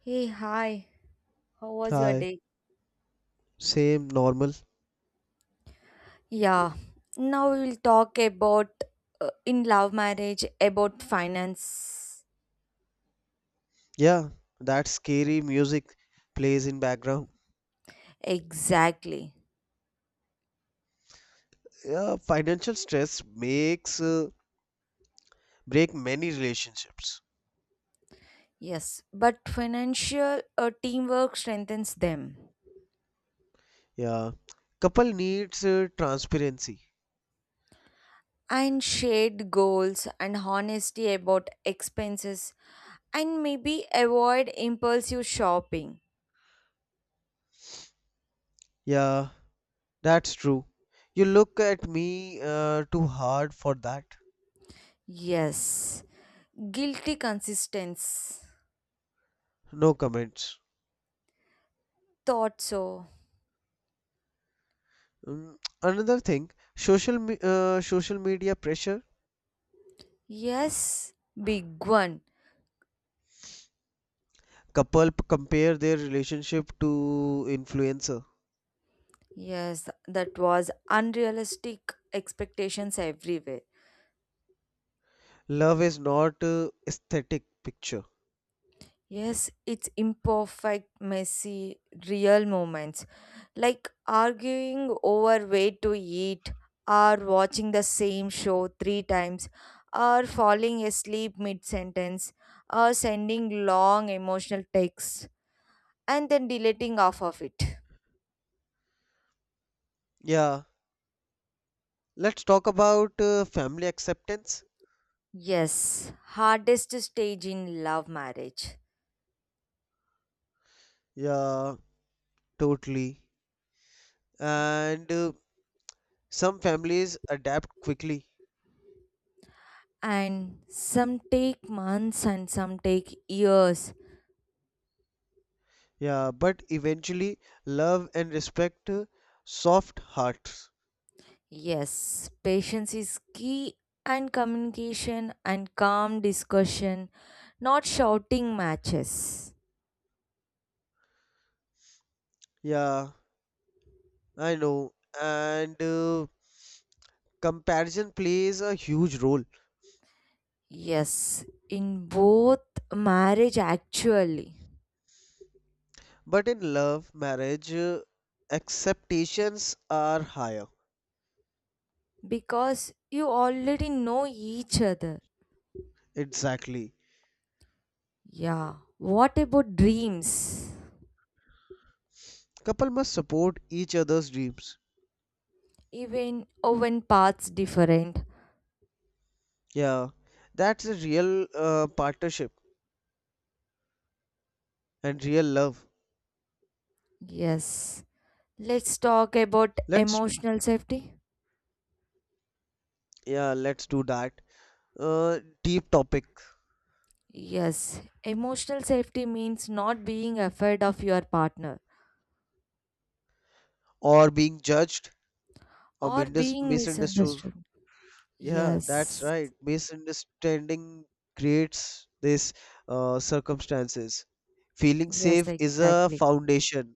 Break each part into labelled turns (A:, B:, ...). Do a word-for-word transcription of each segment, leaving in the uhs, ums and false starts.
A: Hey, hi. How was your
B: Hi,
A: day?
B: same normal.
A: Yeah, now we will talk about uh, in love marriage about finance.
B: Yeah, that scary music plays in background.
A: Exactly.
B: Yeah, financial stress makes uh, break many relationships.
A: Yes, but financial uh, teamwork strengthens them.
B: Yeah, couple needs uh, transparency.
A: And shared goals and honesty about expenses and maybe avoid impulsive shopping.
B: Yeah, that's true. You look at me uh, too hard for that.
A: Yes, guilty consistency.
B: No comments.
A: Thought so.
B: Mm, Another thing, social me uh, social media pressure.
A: Yes, big one.
B: Couple p- compare their relationship to influencer.
A: Yes, that was unrealistic expectations everywhere.
B: Love is not uh, aesthetic picture.
A: Yes, it's imperfect, messy, real moments like arguing over where to eat, or watching the same show three times, or falling asleep mid sentence, or sending long emotional texts and then deleting half of it.
B: Yeah, let's talk about uh, family acceptance.
A: Yes, hardest stage in love marriage.
B: Yeah, totally. And uh, some families adapt quickly.
A: And some take months and some take years.
B: Yeah, but eventually love and respect uh, soft hearts.
A: Yes, patience is key and communication and calm discussion, not shouting matches.
B: Yeah, I know. And uh, comparison plays a huge role.
A: Yes, in both marriage actually
B: But in love, marriage, uh, acceptations are higher.
A: because you already know each other.
B: Exactly.
A: Yeah, what about dreams?
B: Couple must support each other's dreams.
A: Even oh, when paths different.
B: Yeah, that's a real uh, partnership and real love.
A: Yes. Let's talk about
B: Let's
A: emotional safety.
B: yeah, let's do that. Uh, deep topic.
A: Yes, emotional safety means not being afraid of your partner
B: Or being judged or
A: or
B: mindis-
A: being
B: misunderstood.
A: misunderstood.
B: Yeah, that's
A: Yes,
B: right. Misunderstanding creates this uh, circumstances. Feeling
A: yes,
B: safe is a
A: exactly.
B: foundation.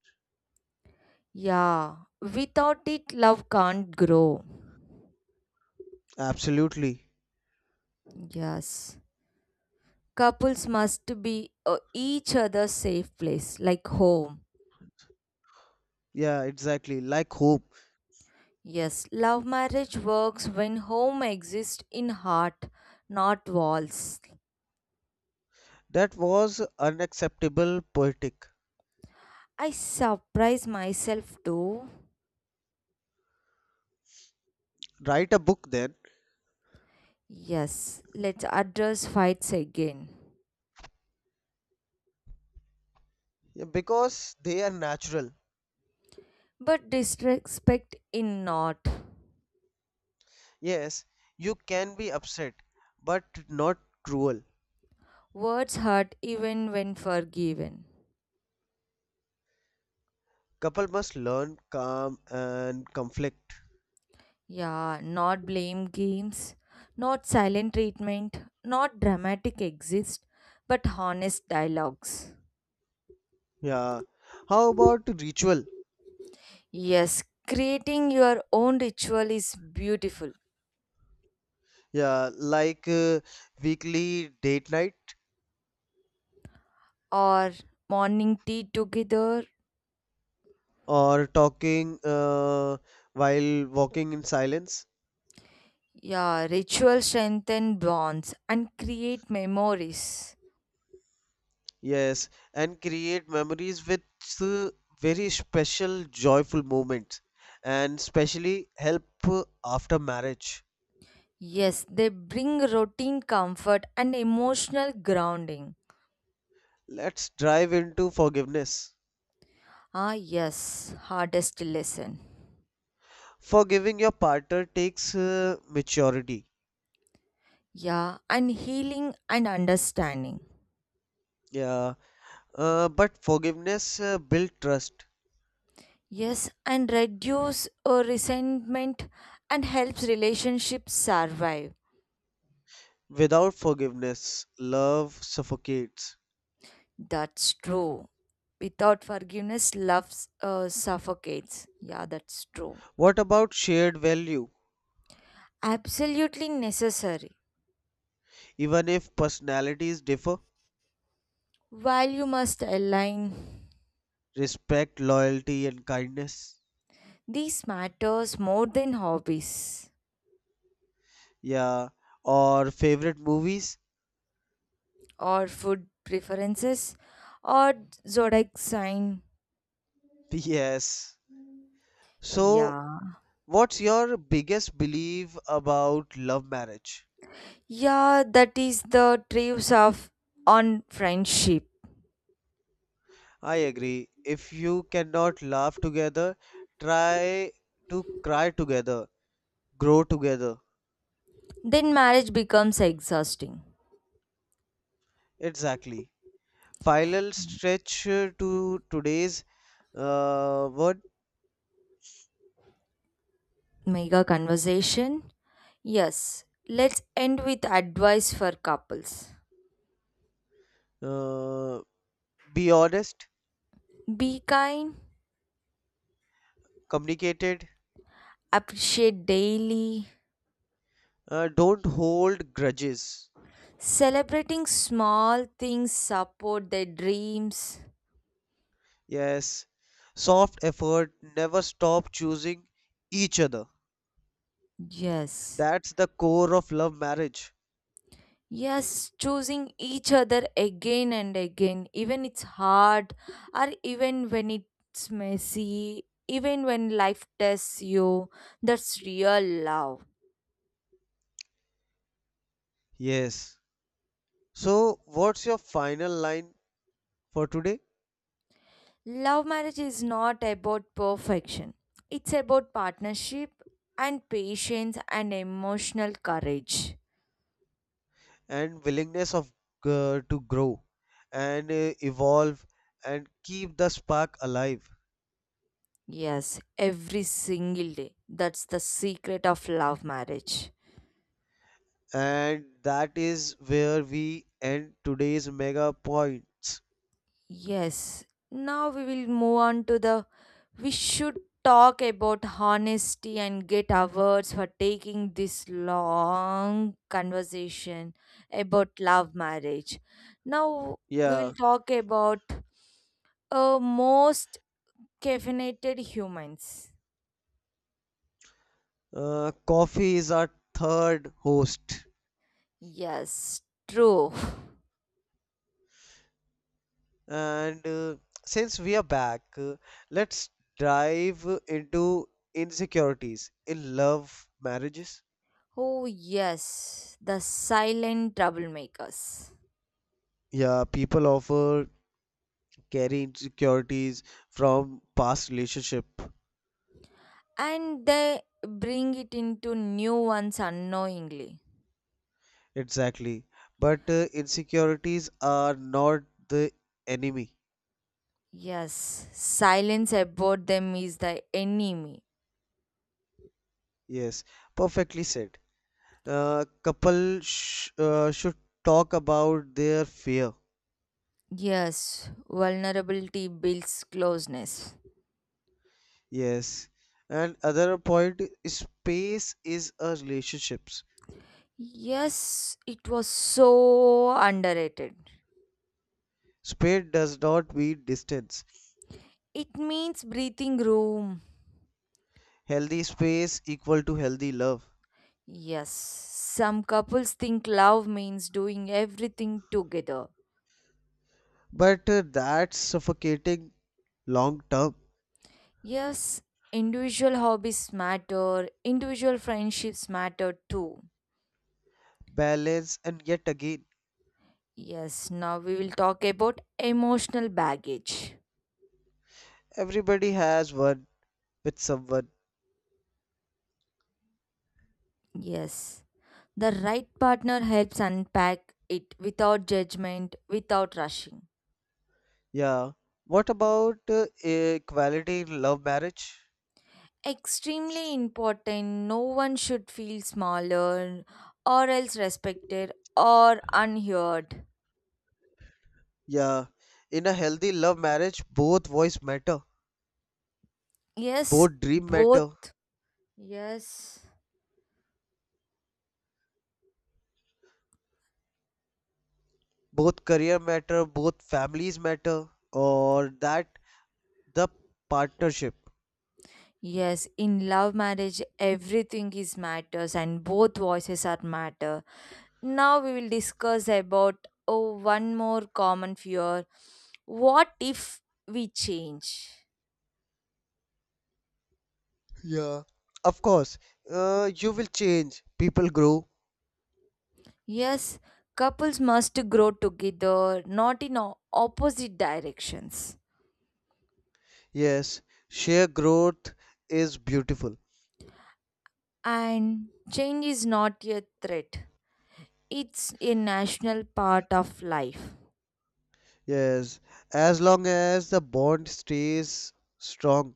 A: Yeah, without it, love can't grow.
B: Absolutely.
A: Yes, couples must be uh, each other's safe place, like home.
B: Yeah, exactly. Like hope.
A: Yes, love marriage works when home exists in heart, not walls.
B: That was unacceptable poetic.
A: I surprise myself too.
B: Write a book then,
A: Yes, let's address fights again.
B: yeah, because they are natural.
A: But disrespect in not.
B: Yes, you can be upset, but not cruel.
A: Words hurt even when forgiven.
B: Couple must learn calm and conflict.
A: Yeah, not blame games, not silent treatment, not dramatic exist, but honest dialogues.
B: Yeah. How about ritual?
A: Yes, creating your own ritual is beautiful.
B: Yeah, like uh, weekly date night
A: Or morning tea together.
B: or talking uh, while walking in silence.
A: Yeah, ritual strengthen bonds and create memories.
B: Yes, and create memories with uh, very special, joyful moments, and especially help uh, after marriage.
A: Yes, they bring routine comfort and emotional grounding.
B: Let's dive into forgiveness.
A: Ah, yes, hardest lesson.
B: Forgiving your partner takes uh, maturity.
A: Yeah, and healing and understanding.
B: Yeah. Uh, but forgiveness uh, builds trust.
A: Yes, and reduce uh, resentment and helps relationships survive.
B: Without forgiveness, love suffocates.
A: That's true. Without forgiveness, love uh, suffocates. Yeah, that's true.
B: What about shared value?
A: Absolutely necessary.
B: Even if personalities differ,
A: Value must align.
B: respect, loyalty, and kindness.
A: These matters more than hobbies.
B: Yeah. Or favorite movies?
A: Or food preferences or zodiac sign.
B: Yes. So,
A: Yeah.
B: what's your biggest belief about love marriage?
A: Yeah, that is the trips of on friendship.
B: I agree. If you cannot laugh together, try to cry together, grow together.
A: Then marriage becomes exhausting.
B: Exactly. Final stretch uh, to today's uh, word.
A: Mega conversation. Yes, let's end with advice for couples.
B: Uh, be honest,
A: Be kind,
B: communicated,
A: appreciate daily,
B: uh, don't hold grudges.
A: celebrating small things, support their dreams.
B: Yes, soft effort, never stop choosing each other.
A: Yes.
B: That's the core of love marriage.
A: Yes, choosing each other again and again, even it's hard, or even when it's messy, even when life tests you, that's real love.
B: Yes. So, what's your final line for today?
A: Love marriage is not about perfection, it's about partnership and patience and emotional courage.
B: And willingness of uh, to grow and uh, evolve and keep the spark alive.
A: Yes, every single day. That's the secret of love marriage.
B: And that is where we end today's mega points.
A: Yes, now we will move on to the. We should talk about honesty and get awards for taking this long conversation about love marriage. Now we
B: Yeah,
A: will talk about uh, most caffeinated humans.
B: uh, coffee is our third host.
A: Yes, true.
B: And uh, since we are back, uh, let's dive into insecurities in love marriages.
A: Oh, yes, the silent troublemakers.
B: Yeah, people often carry insecurities from past relationship.
A: And they bring it into new ones unknowingly.
B: Exactly. But uh, insecurities are not the enemy.
A: Yes, silence about them is the enemy.
B: Yes, perfectly said. Uh, couple sh uh, should talk about their fear.
A: Yes, vulnerability builds closeness.
B: Yes. And other point, space is a relationships.
A: Yes, it was so underrated.
B: Space does not mean distance.
A: It means breathing room.
B: Healthy space equal to healthy love.
A: Yes, some couples think love means doing everything together.
B: But uh, that's suffocating long term.
A: Yes, individual hobbies matter, individual friendships matter too.
B: Balance and yet again,
A: Yes, now we will talk about emotional baggage.
B: everybody has one with someone.
A: Yes. The right partner helps unpack it without judgment, without rushing.
B: Yeah. What about uh, equality in love marriage?
A: Extremely important, no one should feel smaller or else respected or unheard.
B: Yeah. In a healthy love marriage, both voice matter,
A: Yes,
B: both dream matter,
A: both. Yes.
B: both career matter, both families matter, or that the partnership.
A: Yes, in love marriage everything is matters and both voices are matter. Now we will discuss about oh one more common fear. What if we change?
B: Yeah. Of course, uh, you will change. People grow.
A: Yes, couples must grow together, not in o- opposite directions.
B: Yes. Share growth is beautiful.
A: And change is not a threat, it's a national part of life.
B: Yes. As long as the bond stays strong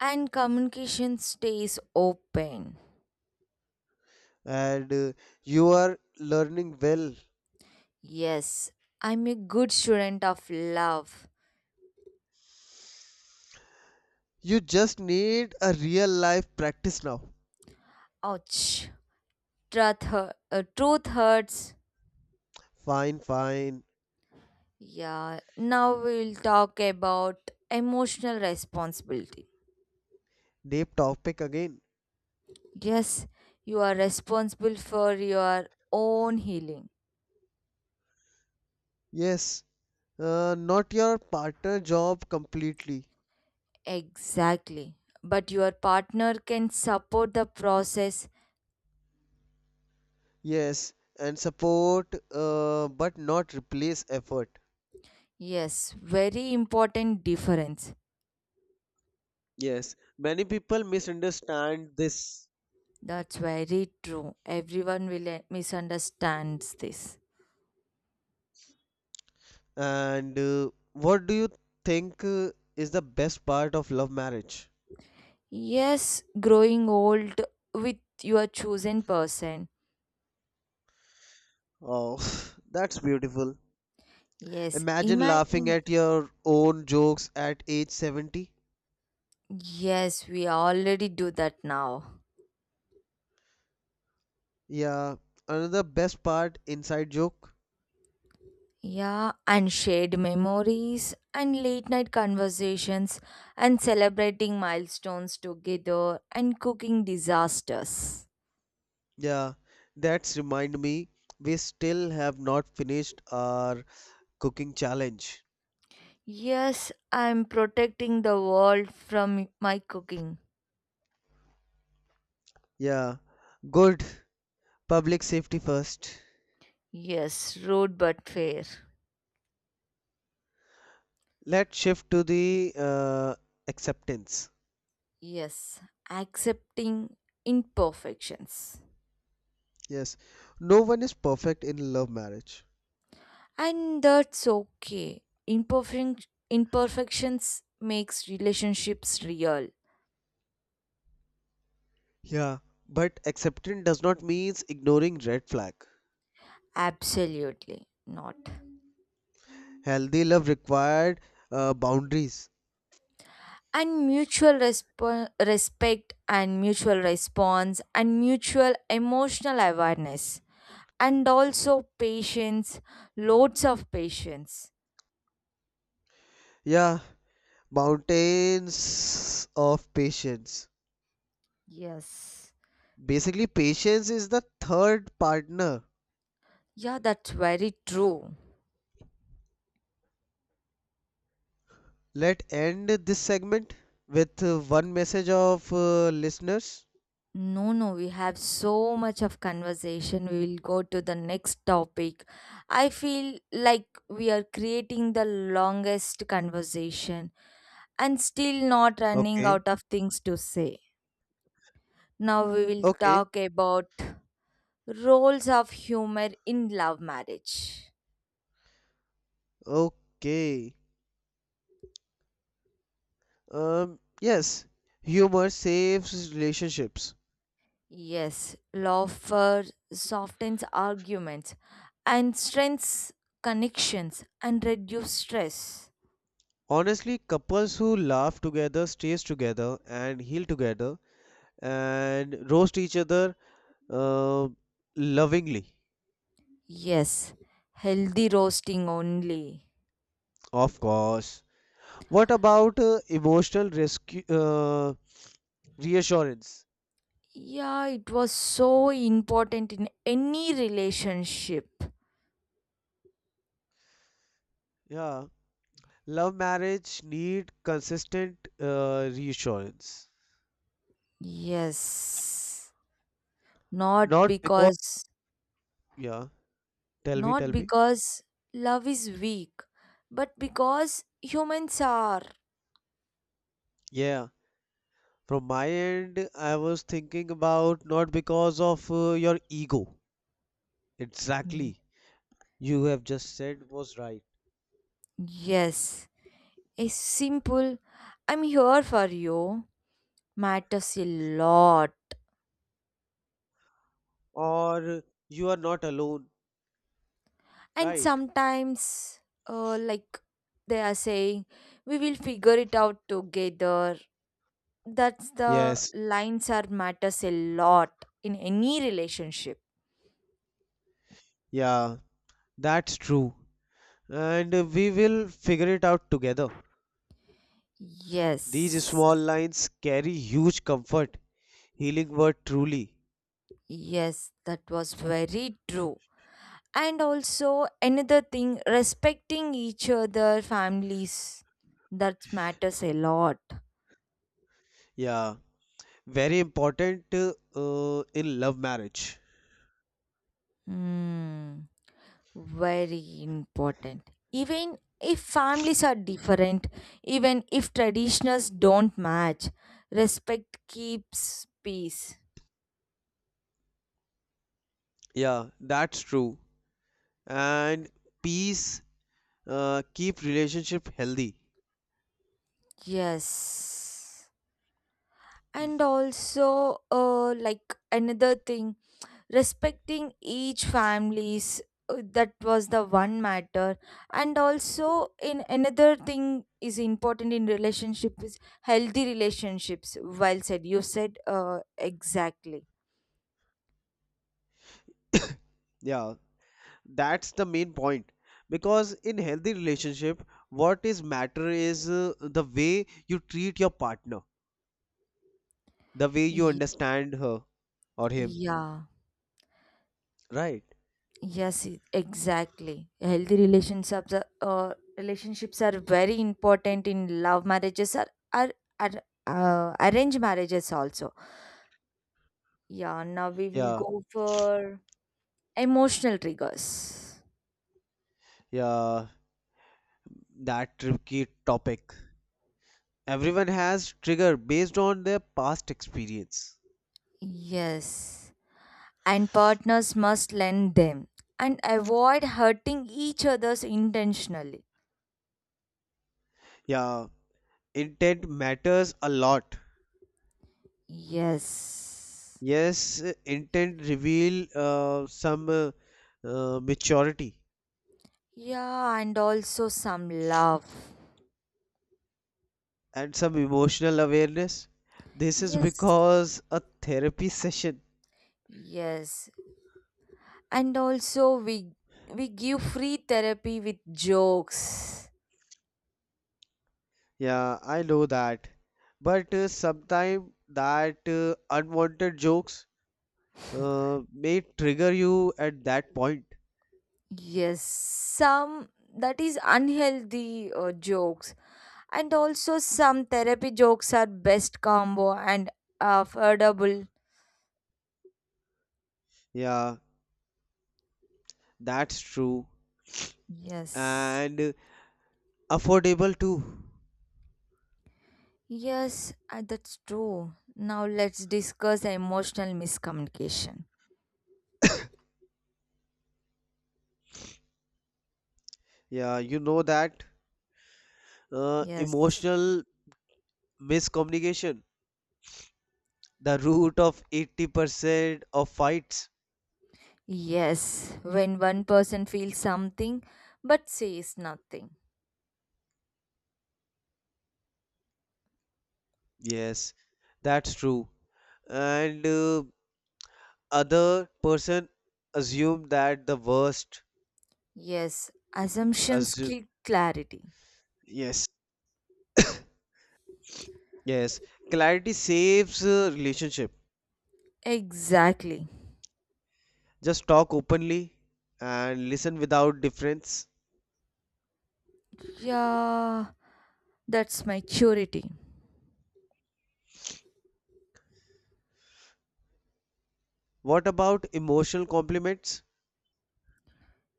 A: And communication stays open.
B: and uh, you are learning well.
A: Yes, I'm a good student of love.
B: You just need a real life practice now.
A: Ouch. Truth, hu- uh, truth hurts.
B: Fine, fine.
A: Yeah, now we'll talk about emotional responsibility.
B: Deep topic again.
A: Yes, you are responsible for your own healing.
B: Yes, uh, not your partner job completely.
A: Exactly. But your partner can support the process.
B: Yes, and support, uh, but not replace effort.
A: Yes, very important difference.
B: Yes, many people misunderstand this.
A: That's very true. Everyone will eh, misunderstands this.
B: And uh, what do you think uh, is the best part of love marriage?
A: Yes, growing old with your chosen person.
B: Oh, that's beautiful.
A: Yes,
B: Imagine laughing
A: imagine.
B: at your own jokes at age seventy.
A: Yes, we already do that now.
B: Yeah, another best part inside joke.
A: Yeah, and shared memories and late night conversations and celebrating milestones together and cooking disasters.
B: Yeah, that's remind me we still have not finished our cooking challenge.
A: Yes, I'm protecting the world from my cooking.
B: Yeah, good. Public safety first.
A: Yes, rude but fair.
B: Let's shift to the uh, acceptance.
A: Yes, accepting imperfections.
B: Yes, no one is perfect in love marriage.
A: And that's okay. Imperfect imperfections makes relationships real.
B: Yeah, but acceptance does not mean ignoring red flag.
A: Absolutely not.
B: Healthy love required uh, boundaries.
A: And mutual resp- respect and mutual response and mutual emotional awareness and also patience, loads of patience.
B: Yeah, mountains of patience.
A: Yes.
B: Basically, patience is the third partner.
A: Yeah, that's very true.
B: Let end this segment with uh, one message of uh, listeners.
A: No, no, we have so much of conversation, we will go to the next topic. I feel like we are creating the longest conversation and still not running
B: Okay,
A: out of things to say. Now we will
B: okay,
A: talk about roles of humor in love marriage.
B: okay. Um, yes, humor saves relationships.
A: Yes, laughter softens arguments and strengthens connections and reduces stress.
B: Honestly, couples who laugh together, stays together, and heal together, and roast each other uh, lovingly.
A: Yes, healthy roasting only.
B: Of course. What about uh, emotional rescue uh, reassurance?
A: Yeah, it was so important in any relationship.
B: Yeah. Love marriage need consistent uh, reassurance.
A: Yes, not
B: Not because,
A: because
B: yeah, tell me,
A: not
B: tell me.
A: because love is weak, but because humans are.
B: Yeah, from my end, I was thinking about not because of uh, your ego. Exactly. You have just said was right.
A: Yes, a simple I'm here for you matters a lot.
B: Or you are not alone,
A: And
B: right?
A: sometimes, uh, like they are saying, we will figure it out together. That's the
B: Yes,
A: lines are matters a lot in any relationship.
B: yeah, that's true. And uh, we will figure it out together. These
A: Yes,
B: small lines carry huge comfort, healing word truly.
A: yes, that was very true. And also, another thing, respecting each other, families, that matters a lot.
B: Yeah, very important uh, in love marriage.
A: Hmm, very important. Even if families are different, even if traditions don't match, respect keeps peace.
B: Yeah, that's true. And peace uh, keep relationship healthy.
A: Yes. And also, uh, like another thing, respecting each family's uh, that was the one matter, and also in another thing is important in relationship is healthy relationships, well said, you said uh, exactly.
B: Yeah, that's the main point. Because in healthy relationship, what is matter is uh, the way you treat your partner, the way you
A: Ye-
B: understand her or him.
A: yeah.
B: Right?
A: Yes, e- exactly, healthy relationships are, uh, relationships are very important in love marriages are are, are uh, arranged marriages also. Yeah, now we will
B: Yeah,
A: go for emotional triggers.
B: yeah. That tricky topic. Everyone has trigger based on their past experience.
A: Yes, and partners must lend them and avoid hurting each other's intentionally.
B: Yeah, intent matters a lot.
A: Yes.
B: Yes, intent reveal uh, some uh, uh, maturity
A: Yeah, and also some love.
B: and some emotional awareness. This is
A: Yes.
B: because a therapy session.
A: Yes. And also we we give free therapy with jokes.
B: Yeah, I know that. But uh, sometimes that uh, unwanted jokes uh, may trigger you at that point.
A: Yes, some that is unhealthy uh, jokes. And also some therapy jokes are best combo and affordable.
B: Yeah, that's true.
A: Yes.
B: And uh, affordable too.
A: Yes, uh, that's true. Now let's discuss emotional miscommunication.
B: Yeah, you know that uh,
A: Yes.
B: emotional miscommunication, the root of eighty percent of fights.
A: Yes, when one person feels something but says nothing.
B: Yes, that's true. And uh, other person assume that the worst.
A: Yes, assumptions
B: Assume,
A: kill clarity.
B: yes, yes. Clarity saves uh, relationship.
A: Exactly.
B: Just talk openly and listen without difference.
A: Yeah, that's maturity.
B: What about emotional compliments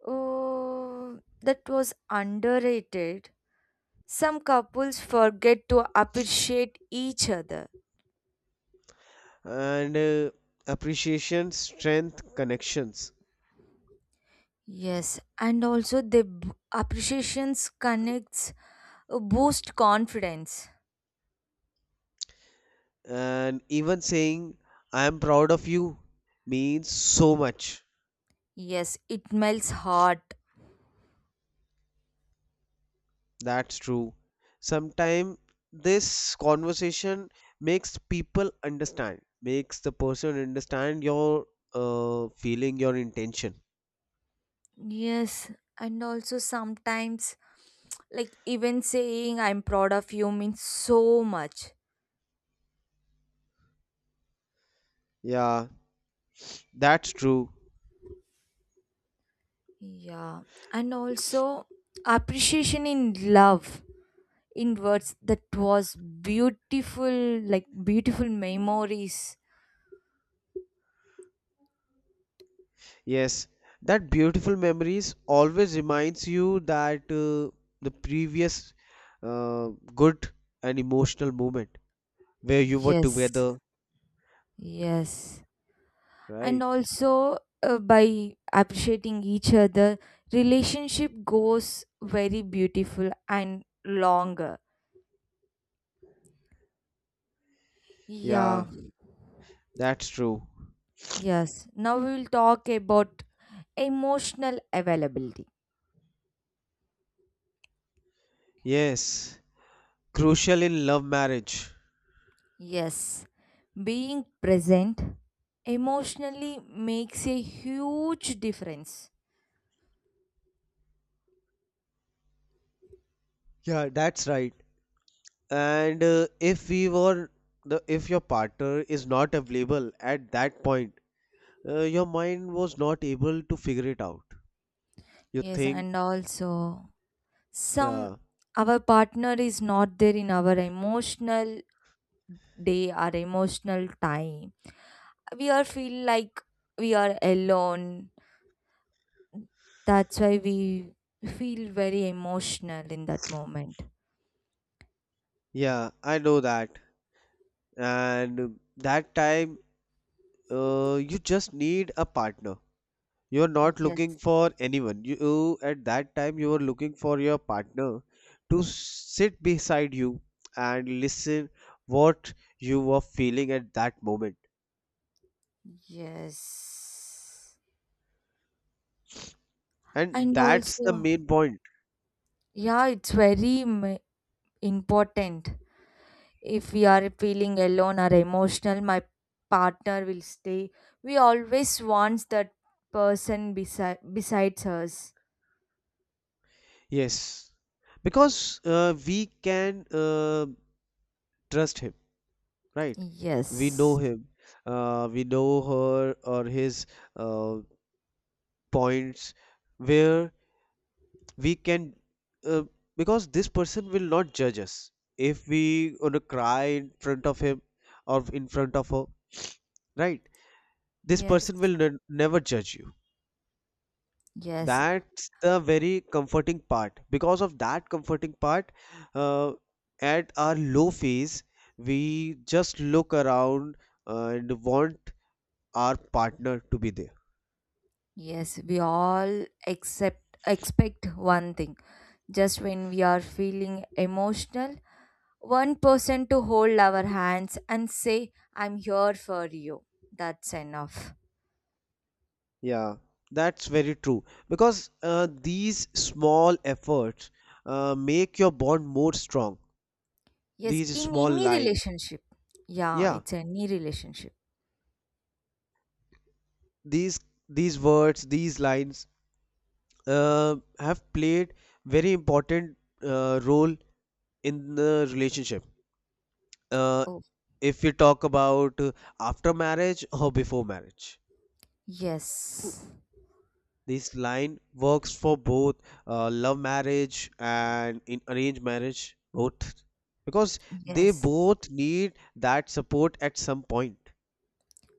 A: Oh, that was underrated. Some couples forget to appreciate each other.
B: and uh, appreciation, strength, connections?
A: Yes, and also the b- appreciations connects uh, boost confidence.
B: And even saying, I am proud of you means so much.
A: Yes, it melts heart.
B: That's true. Sometimes this conversation makes people understand, makes the person understand your uh, feeling, your intention.
A: Yes, and also sometimes like even saying I'm proud of you means so much.
B: Yeah, that's true.
A: Yeah, and also appreciation in love in words that was beautiful like beautiful memories.
B: Yes, that beautiful memories always reminds you that uh, the previous uh, good and emotional moment where you were
A: Yes.
B: together,
A: Yes. And
B: right?
A: also uh, by appreciating each other, relationship goes very beautiful and longer. Yeah.
B: Yeah, that's true.
A: Yes, now we will talk about emotional availability.
B: Yes, crucial in love marriage.
A: Yes, being present emotionally makes a huge difference.
B: Yeah, that's right. And uh, if we were the if your partner is not available at that point, uh, your mind was not able to figure it out, you
A: Yes,
B: think.
A: and also some
B: Yeah,
A: our partner is not there in our emotional day or emotional time, we are feel like we are alone, that's why we feel very emotional in that moment.
B: yeah, I know that. And that time, uh, you just need a partner. You're not looking
A: Yes.
B: for anyone, you you- at that time you were looking for your partner to sit beside you and listen what you were feeling at that moment.
A: Yes.
B: And
A: And
B: that's the
A: also,
B: main point.
A: yeah, it's very m- important, if we are feeling alone or emotional, my partner will stay, we always wants that person beside besides us.
B: Yes, because uh, we can uh, trust him, right? We know
A: Yes.
B: him, uh, we know her or his uh, points where we can, uh, because this person will not judge us if we gonna cry in front of him or in front of her, right? This person
A: Yes.
B: will ne never judge you.
A: Yes.
B: That's the very comforting part. Because of that comforting part, uh, at our low phase, we just look around and want our partner to be there.
A: Yes, we all accept expect one thing. Just when we are feeling emotional, one person to hold our hands and say, I'm here for you. That's enough.
B: Yeah, that's very true. Because uh, these small efforts uh, make your bond more strong.
A: Yes,
B: These
A: in
B: small
A: any
B: line,
A: relationship. Yeah,
B: yeah,
A: it's any relationship.
B: these these words, these lines uh, have played very important uh, role in the relationship. uh,
A: Oh,
B: if we talk about uh, after marriage or before marriage,
A: yes.
B: this line works for both uh, love marriage and in arranged marriage both, because they
A: Yes.
B: both need that support at some point.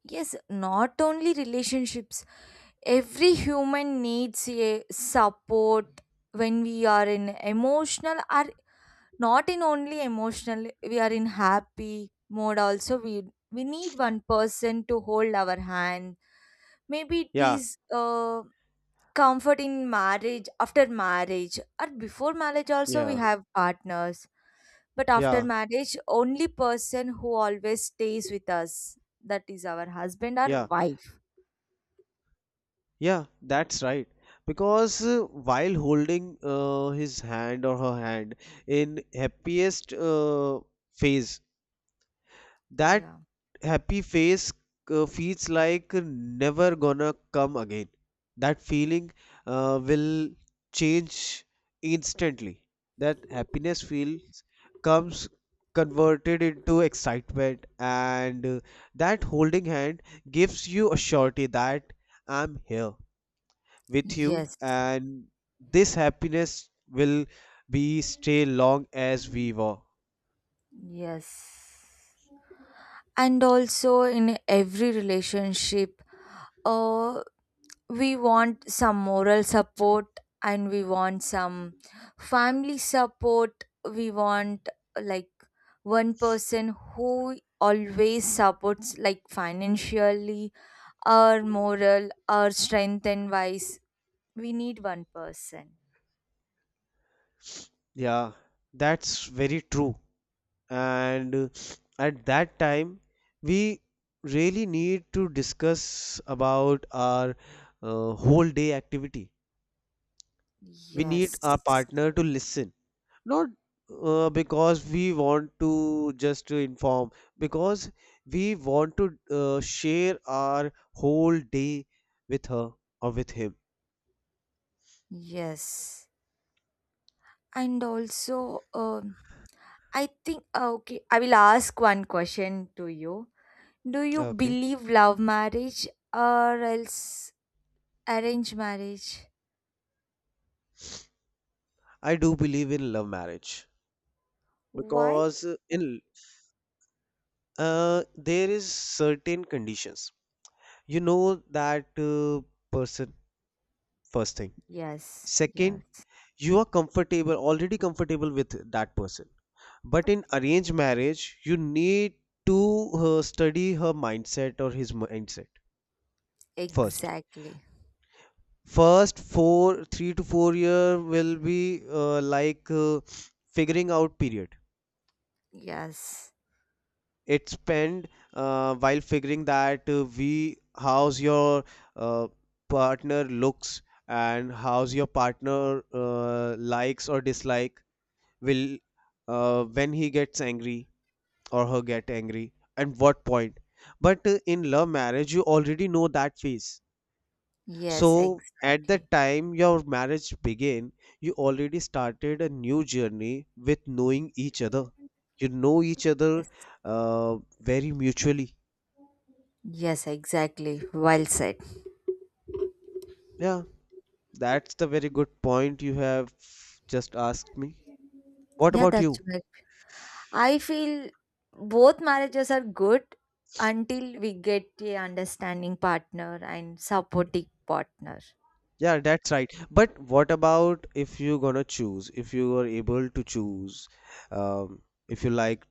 A: Yes, not only relationships. Every human needs a support when we are in emotional or not in only emotional, we are in happy mode also. We we need one person to hold our hand. Maybe it
B: Yeah,
A: is uh, comfort in marriage, after marriage, or before marriage also we
B: yeah,
A: have partners. But after
B: yeah,
A: marriage, only person who always stays with us, that is our husband or
B: yeah,
A: wife.
B: yeah, that's right. Because uh, while holding uh, his hand or her hand in happiest uh, phase, that
A: Yeah.
B: happy face uh, feels like never gonna come again. That feeling uh, will change instantly. That happiness feels comes converted into excitement, and uh, that holding hand gives you a surety that I'm here with you,
A: Yes.
B: and this happiness will be stay long as we were.
A: Yes. And also in every relationship, uh we want some moral support and we want some family support, we want like one person who always supports like financially or moral or strength and wise, we need one person.
B: Yeah, that's very true. And uh, at that time we really need to discuss about our uh, whole day activity. We need
A: Yes.
B: our partner to listen not uh, because we want to just to inform, because we want to uh, share our whole day with her or with him.
A: Yes. And also, um I think uh, okay, I will ask one question to you. Do you
B: Okay,
A: believe love marriage or else arrange marriage?
B: I do believe in love marriage,
A: Why?
B: because in uh, there is certain conditions. You know that uh, person, first thing.
A: Yes,
B: Second,
A: yes,
B: you are comfortable, already comfortable with that person. But in arranged marriage you need to uh, study her mindset or his mindset. first
A: exactly.
B: first four three to four year will be uh, like uh, figuring out period.
A: Yes,
B: It spent uh, while figuring that, uh, we how's your uh, partner looks and how's your partner uh, likes or dislike will, uh, when he gets angry or her get angry and what point. But uh, in love marriage you already know that phase.
A: yes,
B: So at the
A: exactly.
B: time your marriage began, you already started a new journey with knowing each other. You know each other
A: Yes,
B: uh, very mutually.
A: yes, exactly. Well said.
B: Yeah, that's the very good point you have just asked me. What
A: Yeah,
B: about
A: that's
B: you?
A: right. I feel both marriages are good until we get a understanding partner and supportive partner.
B: Yeah, that's right. But what about if you're gonna choose, if you are able to choose, um, if you like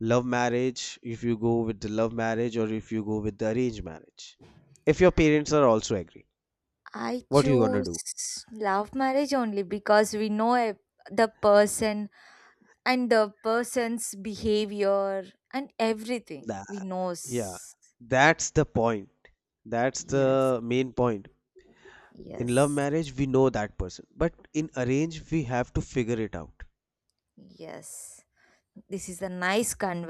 B: love marriage, if you go with the love marriage, or if you go with the arranged marriage? If your parents are also agree,
A: I
B: what you gonna do?
A: choose love marriage only because we know a, the person and the person's behavior and everything
B: That,
A: we
B: yeah,
A: knows.
B: that's the point. That's
A: Yes.
B: the main point. In love
A: Yes.
B: marriage, we know that person, but in arrange, we have to figure it out.
A: Yes. This is a nice conversation.